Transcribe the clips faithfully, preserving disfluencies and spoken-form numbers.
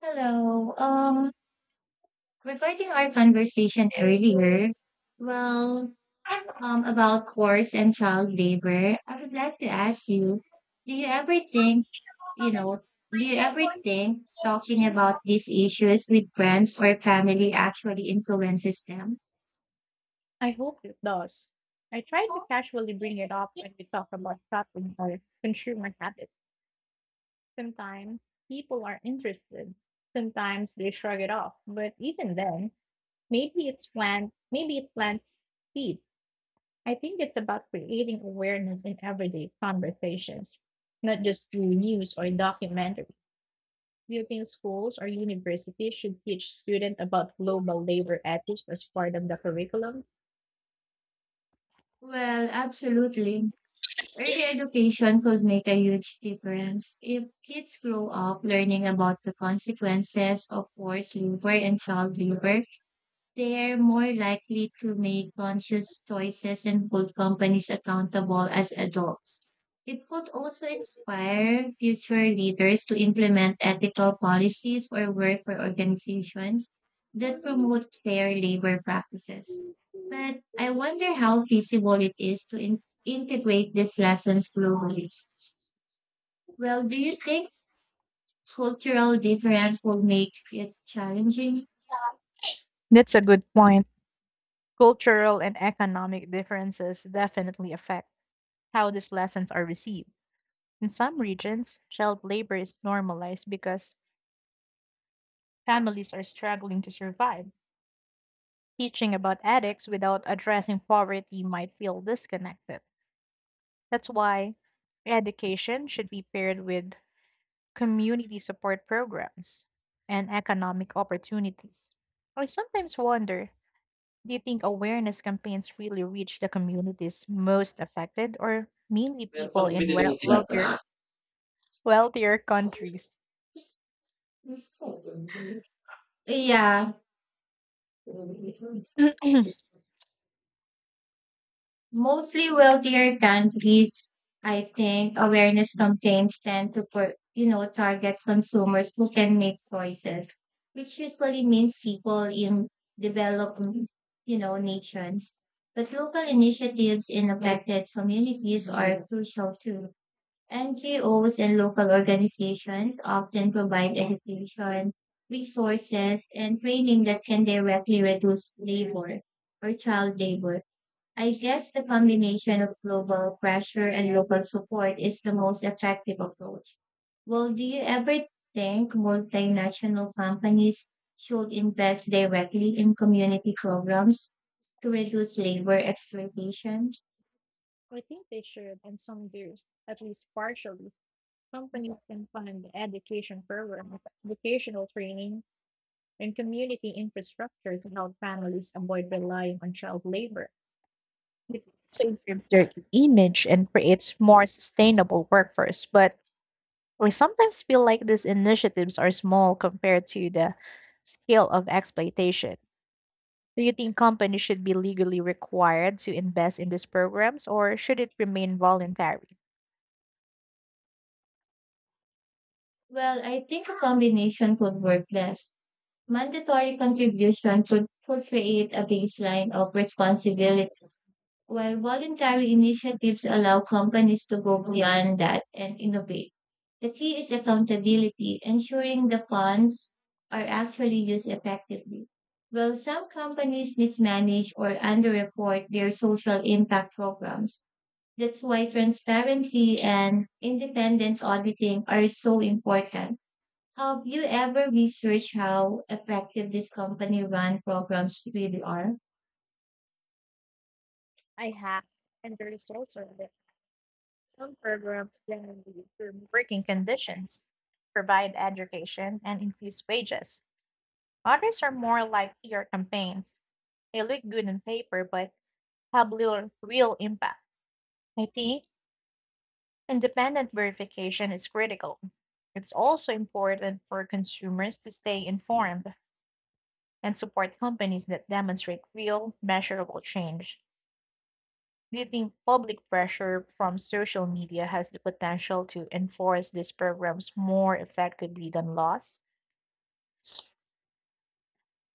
Hello. Um, regarding our conversation earlier, well, um, about course and child labor, I would like to ask you, do you ever think, you know, do you ever think talking about these issues with friends or family actually influences them? I hope it does. I try to casually bring it up when we talk about shopping or consumer habits. Sometimes people are interested. Sometimes they shrug it off. But even then, maybe it's plant maybe it plants seed. I think it's about creating awareness in everyday conversations, not just through news or documentary. Do you think schools or universities should teach students about global labor ethics as part of the curriculum? Well, absolutely. Early education could make a huge difference. If kids grow up learning about the consequences of forced labor and child labor, they're more likely to make conscious choices and hold companies accountable as adults. It could also inspire future leaders to implement ethical policies or work for organizations that promote fair labor practices. But I wonder how feasible it is to in- integrate these lessons globally. Well, do you think cultural difference will make it challenging? That's a good point. Cultural and economic differences definitely affect how these lessons are received. In some regions, child labor is normalized because families are struggling to survive. Teaching about ethics without addressing poverty might feel disconnected. That's why education should be paired with community support programs and economic opportunities. I sometimes wonder, do you think awareness campaigns really reach the communities most affected or mainly Meron pa people nung in binili well- mong wealthier tinapay? wealthier countries? Yeah, mostly wealthier countries, I think awareness campaigns tend to, per, you know, target consumers who can make choices, which usually means people in developing, you know, nations. But local initiatives in affected communities are crucial too. N G Os and local organizations often provide education, resources, and training that can directly reduce labor or child labor. I guess the combination of global pressure and local support is the most effective approach. Well, do you ever think multinational companies should invest directly in community programs to reduce labor exploitation? I think they should, and some do, at least partially. Companies can fund education programs, vocational training, and community infrastructure to help families avoid relying on child labor. It also improves their image and creates more sustainable workforce, but I sometimes feel like these initiatives are small compared to the scale of exploitation. Do you think companies should be legally required to invest in these programs or should it remain voluntary? Well, I think a combination could work best. Mandatory contribution could, could create a baseline of responsibility, while voluntary initiatives allow companies to go beyond that and innovate. The key is accountability, ensuring the funds are actually used effectively. While some companies mismanage or underreport their social impact programs, that's why transparency and independent auditing are so important. Have you ever researched how effective these company run programs really are? I have, and the results are that some programs generally improve working conditions, provide education, and increase wages. Others are more like P R campaigns. They look good on paper but have little real impact. I think independent verification is critical. It's also important for consumers to stay informed and support companies that demonstrate real, measurable change. Do you think public pressure from social media has the potential to enforce these programs more effectively than laws?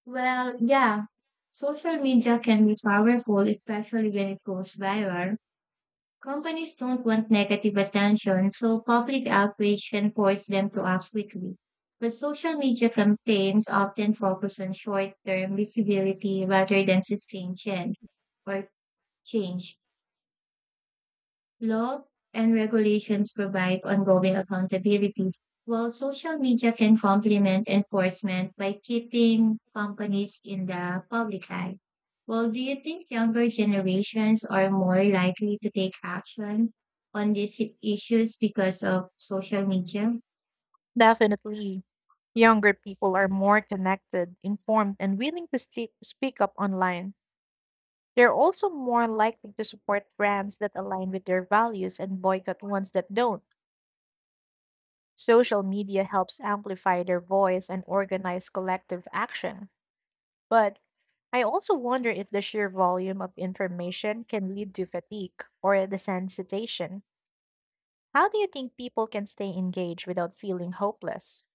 Well, yeah, social media can be powerful, especially when it goes viral. Companies don't want negative attention, so public outrage can force them to act quickly. But social media campaigns often focus on short term visibility rather than sustained change or change. Law and regulations provide ongoing accountability, while social media can complement enforcement by keeping companies in the public eye. Well, do you think younger generations are more likely to take action on these issues because of social media? Definitely. Younger people are more connected, informed, and willing to sti- speak up online. They're also more likely to support brands that align with their values and boycott ones that don't. Social media helps amplify their voice and organize collective action. But I also wonder if the sheer volume of information can lead to fatigue or desensitization. How do you think people can stay engaged without feeling hopeless?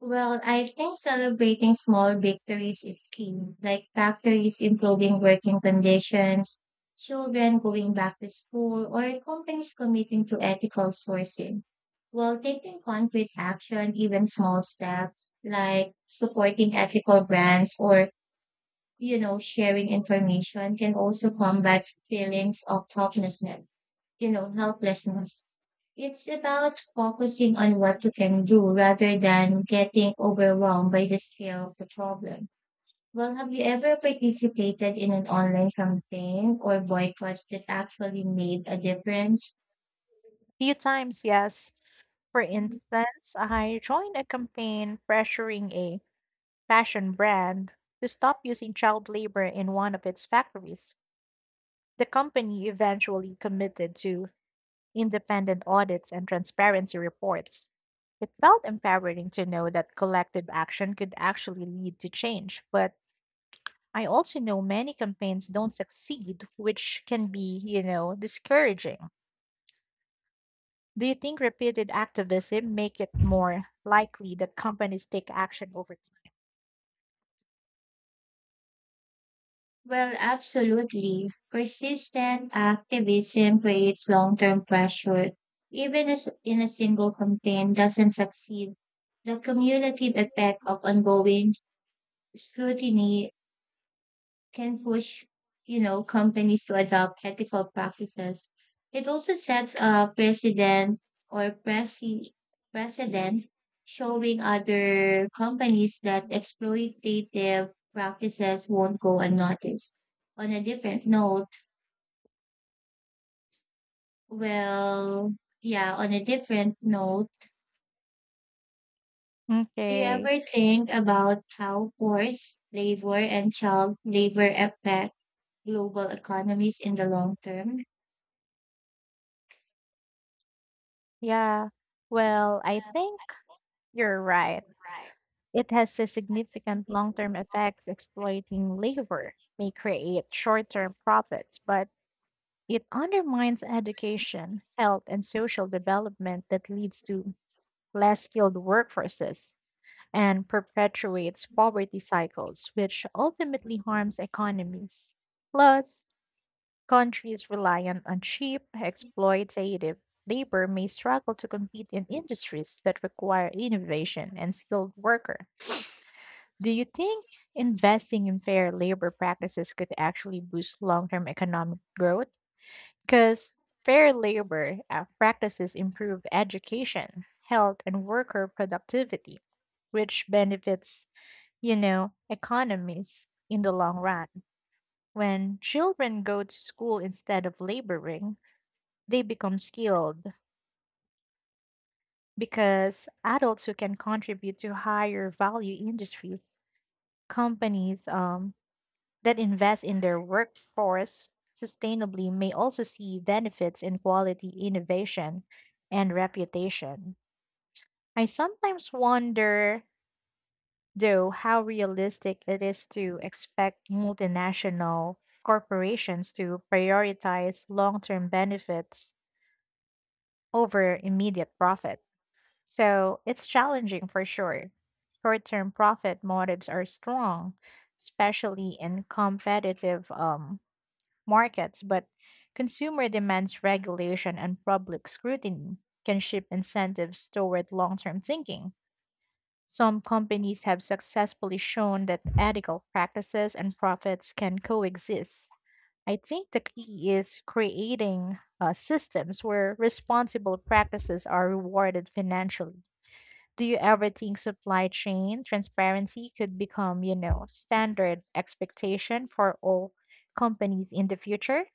Well, I think celebrating small victories is key, like factories improving working conditions, children going back to school, or companies committing to ethical sourcing. While taking concrete action, even small steps like supporting ethical brands or, you know, sharing information can also combat feelings of helplessness, you know, helplessness. It's about focusing on what you can do rather than getting overwhelmed by the scale of the problem. Well, have you ever participated in an online campaign or boycott that actually made a difference? Few times, yes. For instance, I joined a campaign pressuring a fashion brand to stop using child labor in one of its factories. The company eventually committed to independent audits and transparency reports. It felt empowering to know that collective action could actually lead to change, but I also know many campaigns don't succeed, which can be, you know, discouraging. Do you think repeated activism make it more likely that companies take action over Well, absolutely. Persistent activism creates long-term pressure. Even as in a single campaign doesn't succeed, the cumulative effect of ongoing scrutiny can push, you know, companies to adopt ethical practices. It also sets a precedent or presi- precedent showing other companies that exploitative practices won't go unnoticed. On a different note, well, yeah, on a different note, time? do you Okay. ever think about how forced labor and child labor affect global economies in the long term? Yeah. Well, I think you're right. It has a significant long term effects. Exploiting labor may create short term profits, but it undermines education, health, and social development that leads to less skilled workforces and perpetuates poverty cycles, which ultimately harms economies. Plus, countries reliant on cheap, exploitative labor may struggle to compete in industries that require innovation and skilled workers. Do you think investing in fair labor practices could actually boost long term economic growth? Because fair labor uh, practices improve education, health, and worker productivity, which benefits, you know, economies in the long run. When children go to school instead of laboring, they become skilled because adults who can contribute to higher value industries, companies, um, that invest in their workforce sustainably may also see benefits in quality innovation and reputation. I sometimes wonder, though, how realistic it is to expect multinational corporations to prioritize long term benefits over immediate profit. So it's challenging for sure. Short term profit motives are strong, especially in competitive um, markets, but consumer demands regulation and public scrutiny can shift incentives toward long term thinking. Some companies have successfully shown that ethical practices and profits can coexist. I think the key is creating uh, systems where responsible practices are rewarded financially. Do you ever think supply chain transparency could become, you know, standard expectation for all companies in the future?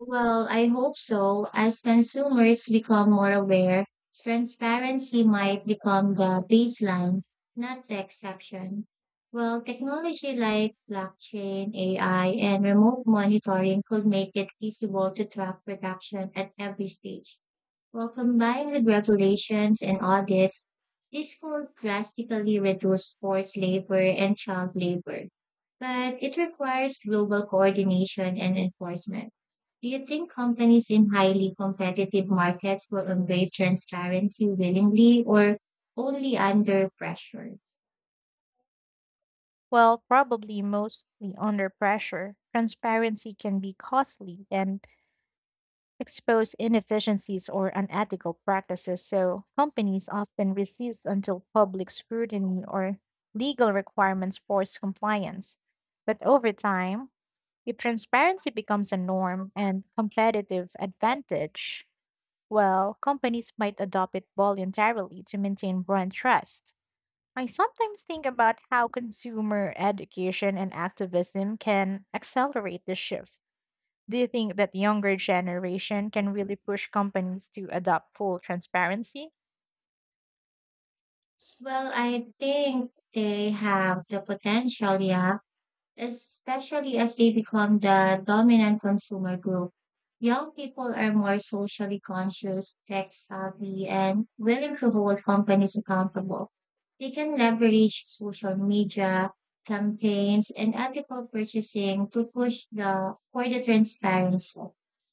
Well, I hope so. As consumers become more aware, transparency might become the baseline, not the exception. Well, technology like blockchain, A I, and remote monitoring could make it feasible to track production at every stage. Well, combined with regulations and audits, this could drastically reduce forced labor and child labor. But it requires global coordination and enforcement. Do you think companies in highly competitive markets will embrace transparency willingly or only under pressure? Well, probably mostly under pressure, transparency can be costly and expose inefficiencies or unethical practices, so companies often resist until public scrutiny or legal requirements force compliance. But over time, if transparency becomes a norm and competitive advantage, well, companies might adopt it voluntarily to maintain brand trust. I sometimes think about how consumer education and activism can accelerate this shift. Do you think that younger generation can really push companies to adopt full transparency? Well, I think they have the potential, yeah, especially as they become the dominant consumer group. Young people are more socially conscious, tech savvy, and willing to hold companies accountable. They can leverage social media campaigns and ethical purchasing to push the for the transparency.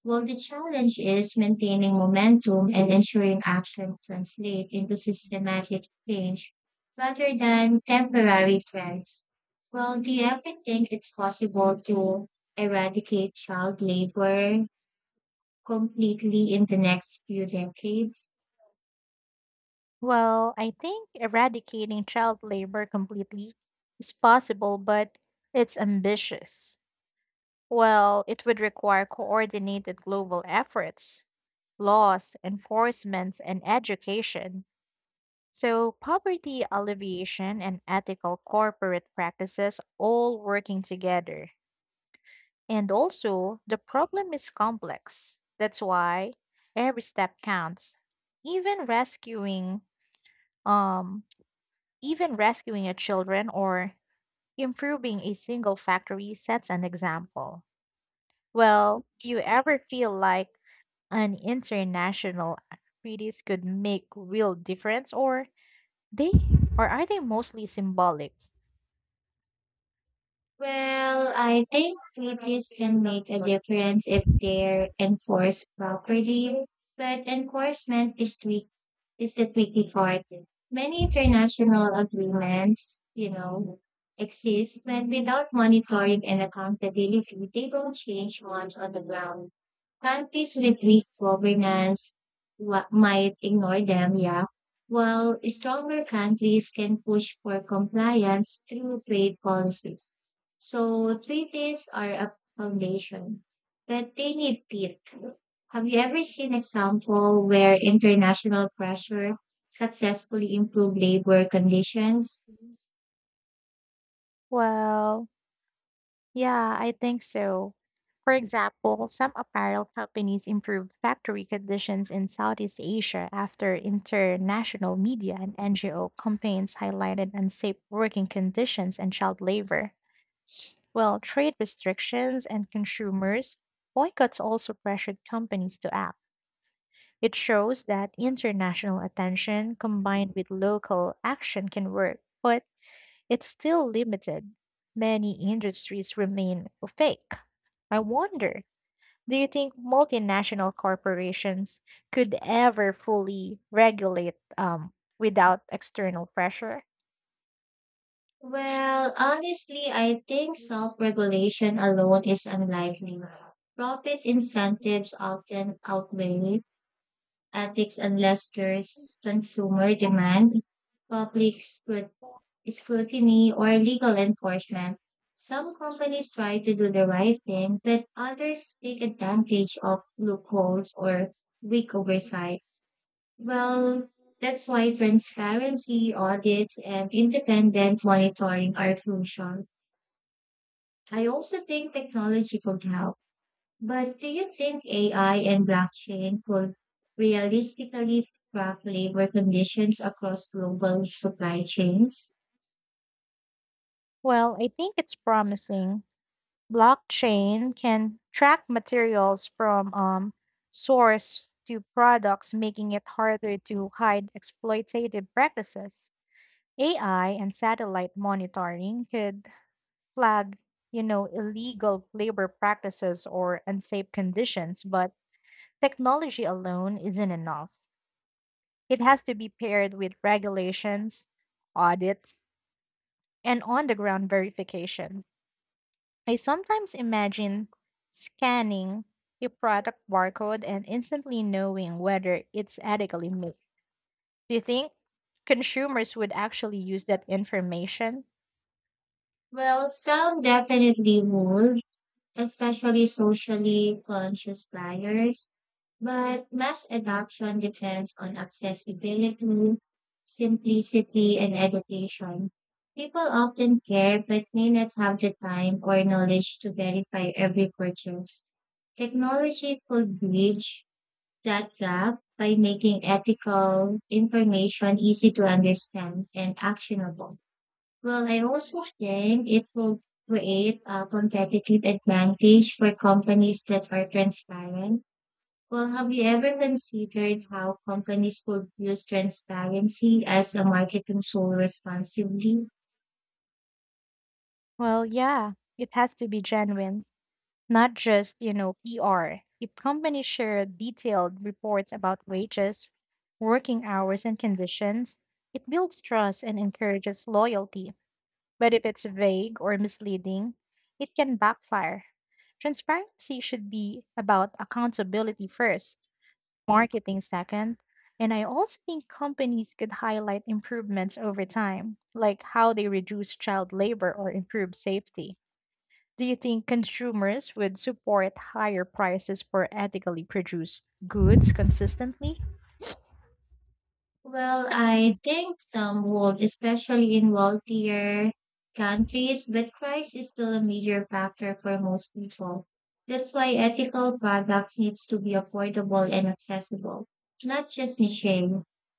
Well, the challenge is maintaining momentum and ensuring action translate into systematic change rather than temporary trends. Well, do you ever think it's possible to eradicate child labor completely in the next few decades? Well, I think eradicating child labor completely is possible, but it's ambitious. Well, it would require coordinated global efforts, laws, enforcements, and education. So, poverty alleviation and ethical corporate practices all working together. And also, the problem is complex. That's why every step counts. Even rescuing um even rescuing a children or improving a single factory sets an example. Well, do you ever feel like an international treaties could make real difference or they or are they mostly symbolic? Well, I think treaties can make a difference if they're enforced properly, but enforcement is tweak is the tricky part. Many international agreements, you know, exist, but without monitoring and accountability, they don't change much on the ground. Countries with weak governance wa- might ignore them, yeah, while stronger countries can push for compliance through trade policies. So treaties are a foundation, but they need teeth. Have you ever seen example where international pressure successfully improved labor conditions? Well, yeah, I think so. For example, some apparel companies improved factory conditions in Southeast Asia after international media and N G O campaigns highlighted unsafe working conditions and child labor. Well, trade restrictions and consumers boycotts also pressured companies to act. It shows that international attention combined with local action can work. But it's still limited. Many industries remain opaque. I wonder, do you think multinational corporations could ever fully regulate um, without external pressure? Well, honestly, I think self-regulation alone is unlikely. Profit incentives often outweigh ethics unless there's consumer demand, public scrut- scrutiny, or legal enforcement. Some companies try to do the right thing, but others take advantage of loopholes or weak oversight. Well, that's why transparency, audits, and independent monitoring are crucial. I also think technology could help, but do you think A I and blockchain could realistically track labor conditions across global supply chains? Well, I think it's promising. Blockchain can track materials from um, source to products, making it harder to hide exploitative practices. A I and satellite monitoring could flag, you know, illegal labor practices or unsafe conditions, but technology alone isn't enough. It has to be paired with regulations, audits, and on the ground verification. I sometimes imagine scanning a product barcode and instantly knowing whether it's ethically made. Do you think consumers would actually use that information? Well, some definitely would, especially socially conscious buyers, but mass adoption depends on accessibility, simplicity, and education. People often care but may not have the time or knowledge to verify every purchase. Technology could bridge that gap by making ethical information easy to understand and actionable. Well, I also think it will create a competitive advantage for companies that are transparent. Well, have you ever considered how companies could use transparency as a marketing tool responsibly? Well, yeah, it has to be genuine, not just, you know, P R. If companies share detailed reports about wages, working hours, and conditions, it builds trust and encourages loyalty. But if it's vague or misleading, it can backfire. Transparency should be about accountability first, marketing second, and I also think companies could highlight improvements over time, like how they reduce child labor or improve safety. Do you think consumers would support higher prices for ethically produced goods consistently? Well, I think some would, especially in wealthier countries, but price is still a major factor for most people. That's why ethical products needs to be affordable and accessible, not just niche.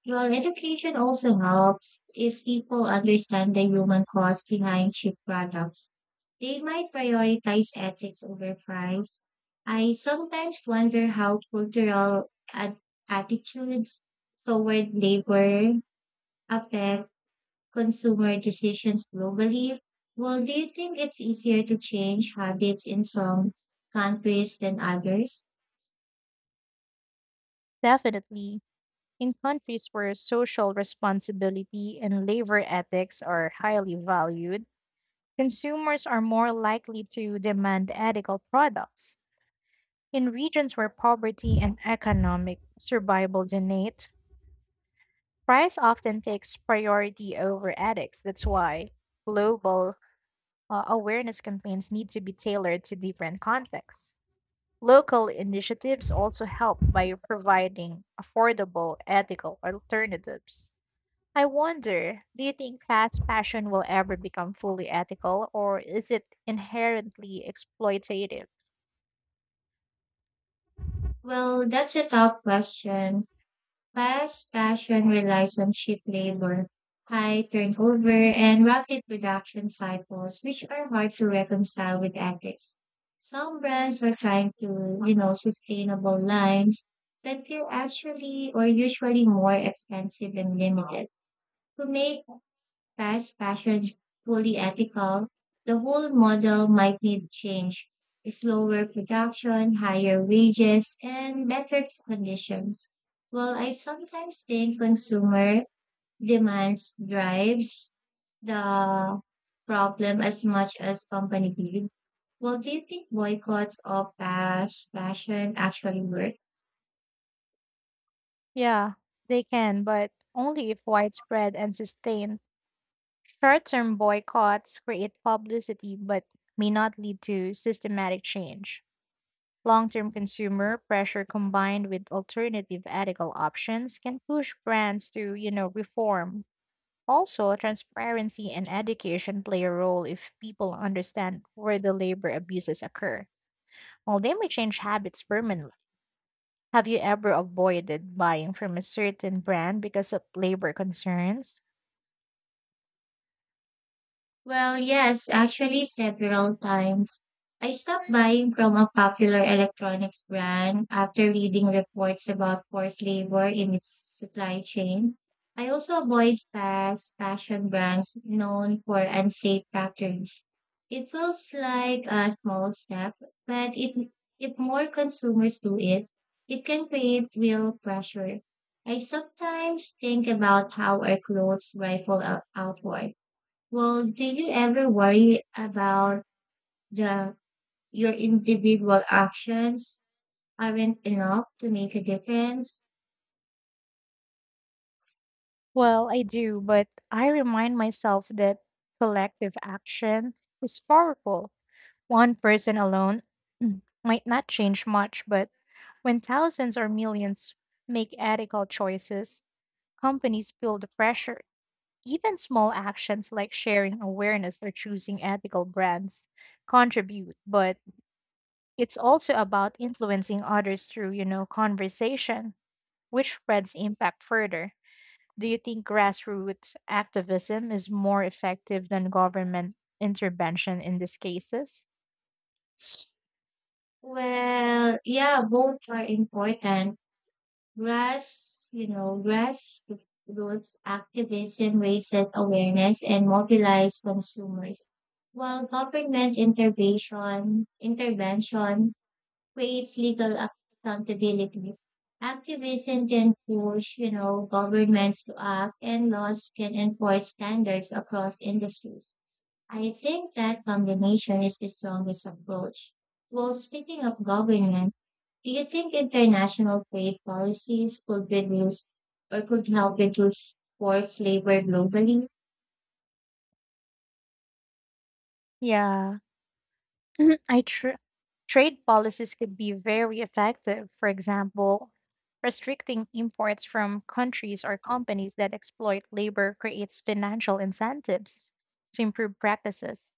Well, education also helps if people understand the human cost behind cheap products. They might prioritize ethics over price. I sometimes wonder how cultural at- attitudes toward labor affect consumer decisions globally. Well, do you think it's easier to change habits in some countries than others? Definitely. In countries where social responsibility and labor ethics are highly valued, consumers are more likely to demand ethical products. In regions where poverty and economic survival dominate, price often takes priority over ethics. That's why global uh, awareness campaigns need to be tailored to different contexts. Local initiatives also help by providing affordable, ethical alternatives. I wonder, do you think fast fashion will ever become fully ethical, or is it inherently exploitative? Well, that's a tough question. Fast fashion relies on cheap labor, high turnover, and rapid production cycles, which are hard to reconcile with ethics. Some brands are trying to, you know, sustainable lines that are actually or usually more expensive and limited to make fast fashion's fully ethical, the whole model might need change. Slower production, higher wages, and better conditions. Well, I sometimes think consumer demands drives the problem as much as company did. Well, do you think boycotts of fast fashion actually work? Yeah, they can, but only if widespread and sustained. Short term boycotts create publicity but may not lead to systematic change. Long-term consumer pressure combined with alternative ethical options can push brands to, you know, reform. Also, transparency and education play a role if people understand where the labor abuses occur. While they may change habits permanently, have you ever avoided buying from a certain brand because of labor concerns? Well, yes, actually several times. I stopped buying from a popular electronics brand after reading reports about forced labor in its supply chain. I also avoid fast fashion brands known for unsafe factories. It feels like a small step, but it, if more consumers do it, it can create real pressure. I sometimes think about how our clothes ripple out- outward. Well, do you ever worry about the your individual actions aren't enough to make a difference? Well, I do, but I remind myself that collective action is powerful. One person alone mm, might not change much, but when thousands or millions make ethical choices, companies feel the pressure. Even small actions like sharing awareness or choosing ethical brands contribute, but it's also about influencing others through, you know, conversation, which spreads impact further. Do you think grassroots activism is more effective than government intervention in these cases? Well, yeah, both are important. Grass, you know, grassroots activism raises awareness and mobilizes consumers, while government intervention intervention creates legal accountability. Activism can push, you know, governments to act and laws can enforce standards across industries. I think that combination is the strongest approach. Well, speaking of government, do you think international trade policies could reduce or could help reduce forced labor globally? Yeah. Mhm. I tr- trade policies could be very effective. For example, restricting imports from countries or companies that exploit labor creates financial incentives to improve practices.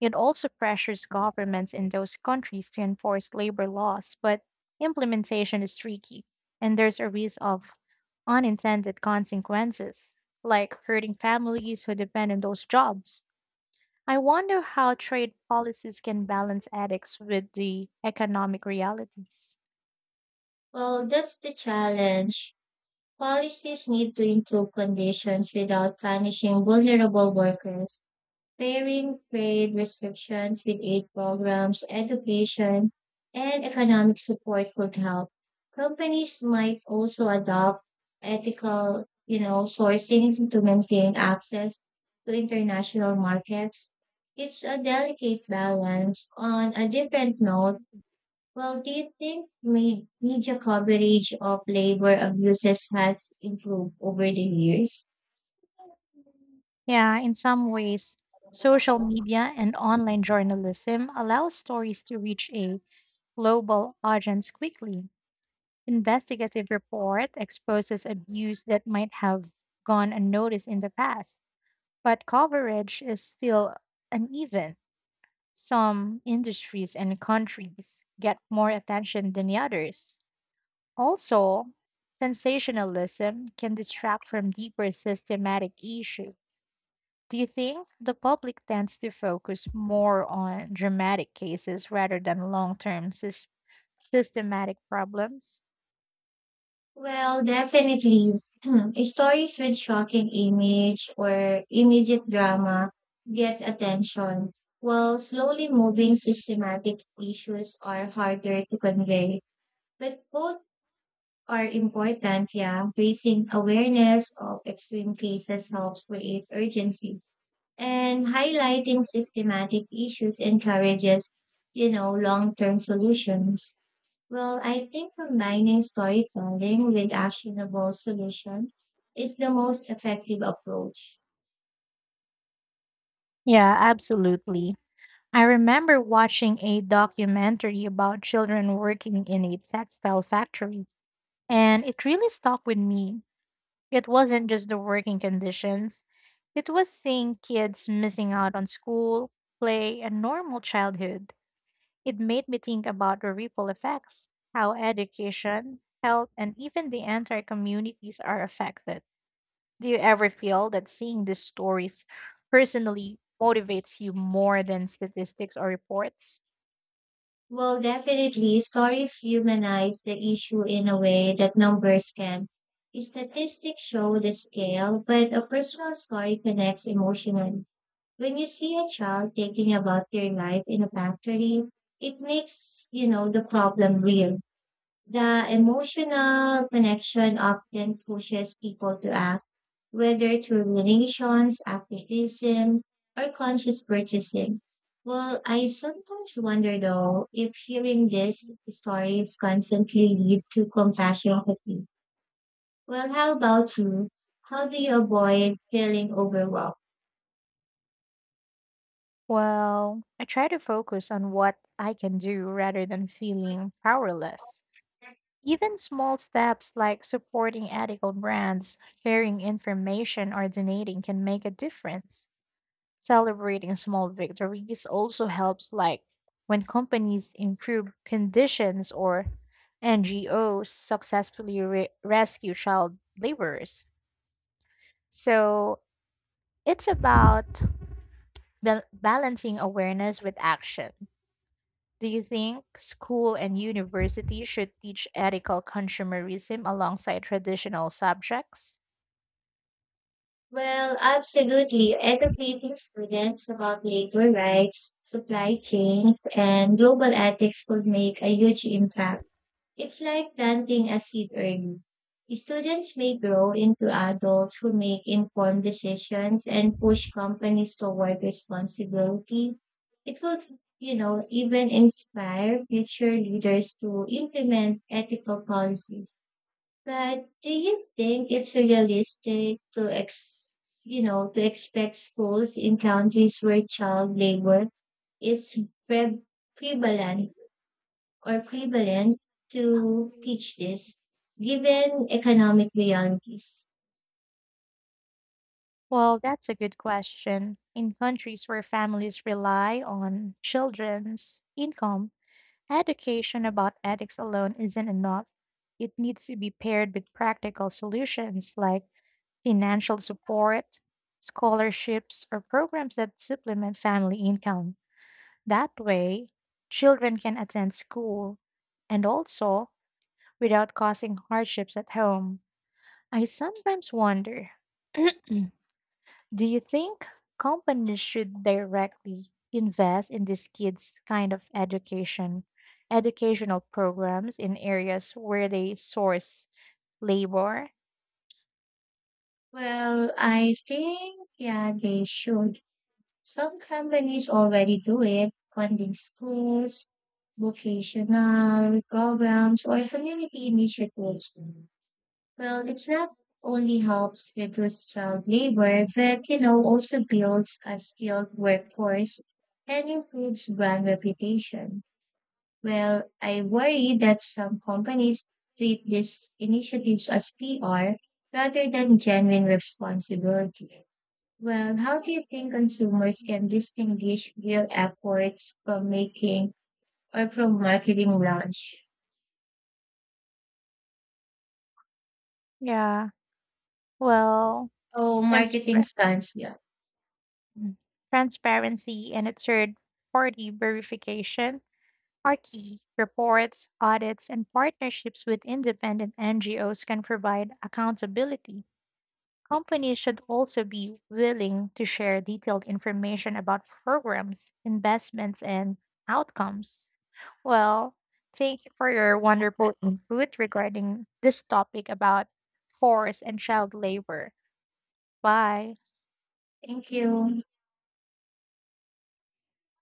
It also pressures governments in those countries to enforce labor laws, but implementation is tricky, and there's a risk of unintended consequences, like hurting families who depend on those jobs. I wonder how trade policies can balance ethics with the economic realities. Well, that's the challenge. Policies need to improve conditions without punishing vulnerable workers pairing trade restrictions with aid programs, education, and economic support could help. Companies might also adopt ethical, you know, sourcing to maintain access to international markets. It's a delicate balance. On a different note, well, do you think me- media coverage of labor abuses has improved over the years? Yeah, in some ways, social media and online journalism allow stories to reach a global audience quickly. Investigative report exposes abuse that might have gone unnoticed in the past, but coverage is still uneven. Some industries and countries get more attention than the others. Also, sensationalism can distract from deeper systematic issues. Do you think the public tends to focus more on dramatic cases rather than long term sys- systematic problems? Well, definitely. Hmm, stories with shocking image or immediate drama get attention, while slowly moving systematic issues are harder to convey. But both are important, yeah. Raising awareness of extreme cases helps create urgency. And highlighting systematic issues encourages, you know, long-term solutions. Well, I think combining storytelling with actionable solution is the most effective approach. Yeah, absolutely. I remember watching a documentary about children working in a textile factory, and it really stuck with me. It wasn't just the working conditions, it was seeing kids missing out on school, play, and normal childhood. It made me think about the ripple effects, how education, health, and even the entire communities are affected. Do you ever feel that seeing these stories personally motivates you more than statistics or reports? Well, definitely, stories humanize the issue in a way that numbers can. Statistics show the scale, but a personal story connects emotionally. When you see a child thinking about their life in a factory, it makes, you know, the problem real. The emotional connection often pushes people to act whether through donations, activism, or conscious purchasing. Well, I sometimes wonder though if hearing these stories constantly lead to compassion fatigue. Well, how about you? How do you avoid feeling overwhelmed? Well, I try to focus on what I can do rather than feeling powerless. Even small steps like supporting ethical brands, sharing information, or donating can make a difference. Celebrating small victories also helps, like when companies improve conditions or N G Os successfully re- rescue child laborers. So it's about bal- balancing awareness with action. Do you think school and university should teach ethical consumerism alongside traditional subjects? Well, absolutely. Educating students about labor rights, supply chain, and global ethics could make a huge impact. It's like planting a seed early. Students may grow into adults who make informed decisions and push companies toward responsibility. It will, you know, even inspire future leaders to implement ethical policies. But do you think it's realistic to ex, you know, to expect schools in countries where child labor is pre- prevalent or prevalent to teach this, given economic realities? Well, that's a good question. In countries where families rely on children's income, education about ethics alone isn't enough. It needs to be paired with practical solutions like financial support, scholarships, or programs that supplement family income. That way, children can attend school and also without causing hardships at home. I sometimes wonder do you think companies should directly invest in these kids' kind of education, educational programs in areas where they source labor? Well, I think, yeah, they should. Some companies already do it, funding schools, vocational programs, or community initiatives. Well, it's not only helps reduce child labor, but, you know, also builds a skilled workforce and improves brand reputation. Well, I worry that some companies treat these initiatives as P R rather than genuine responsibility. Well, how do you think consumers can distinguish real efforts from making or from marketing launch? Yeah, well, Oh, marketing transpar- stunts. Yeah. mm, transparency and a third party verification are key. Reports, audits, and partnerships with independent N G Os can provide accountability. Companies should also be willing to share detailed information about programs, investments, and outcomes. Well, thank you for your wonderful input regarding this topic about forced and child labor. Bye. Thank you.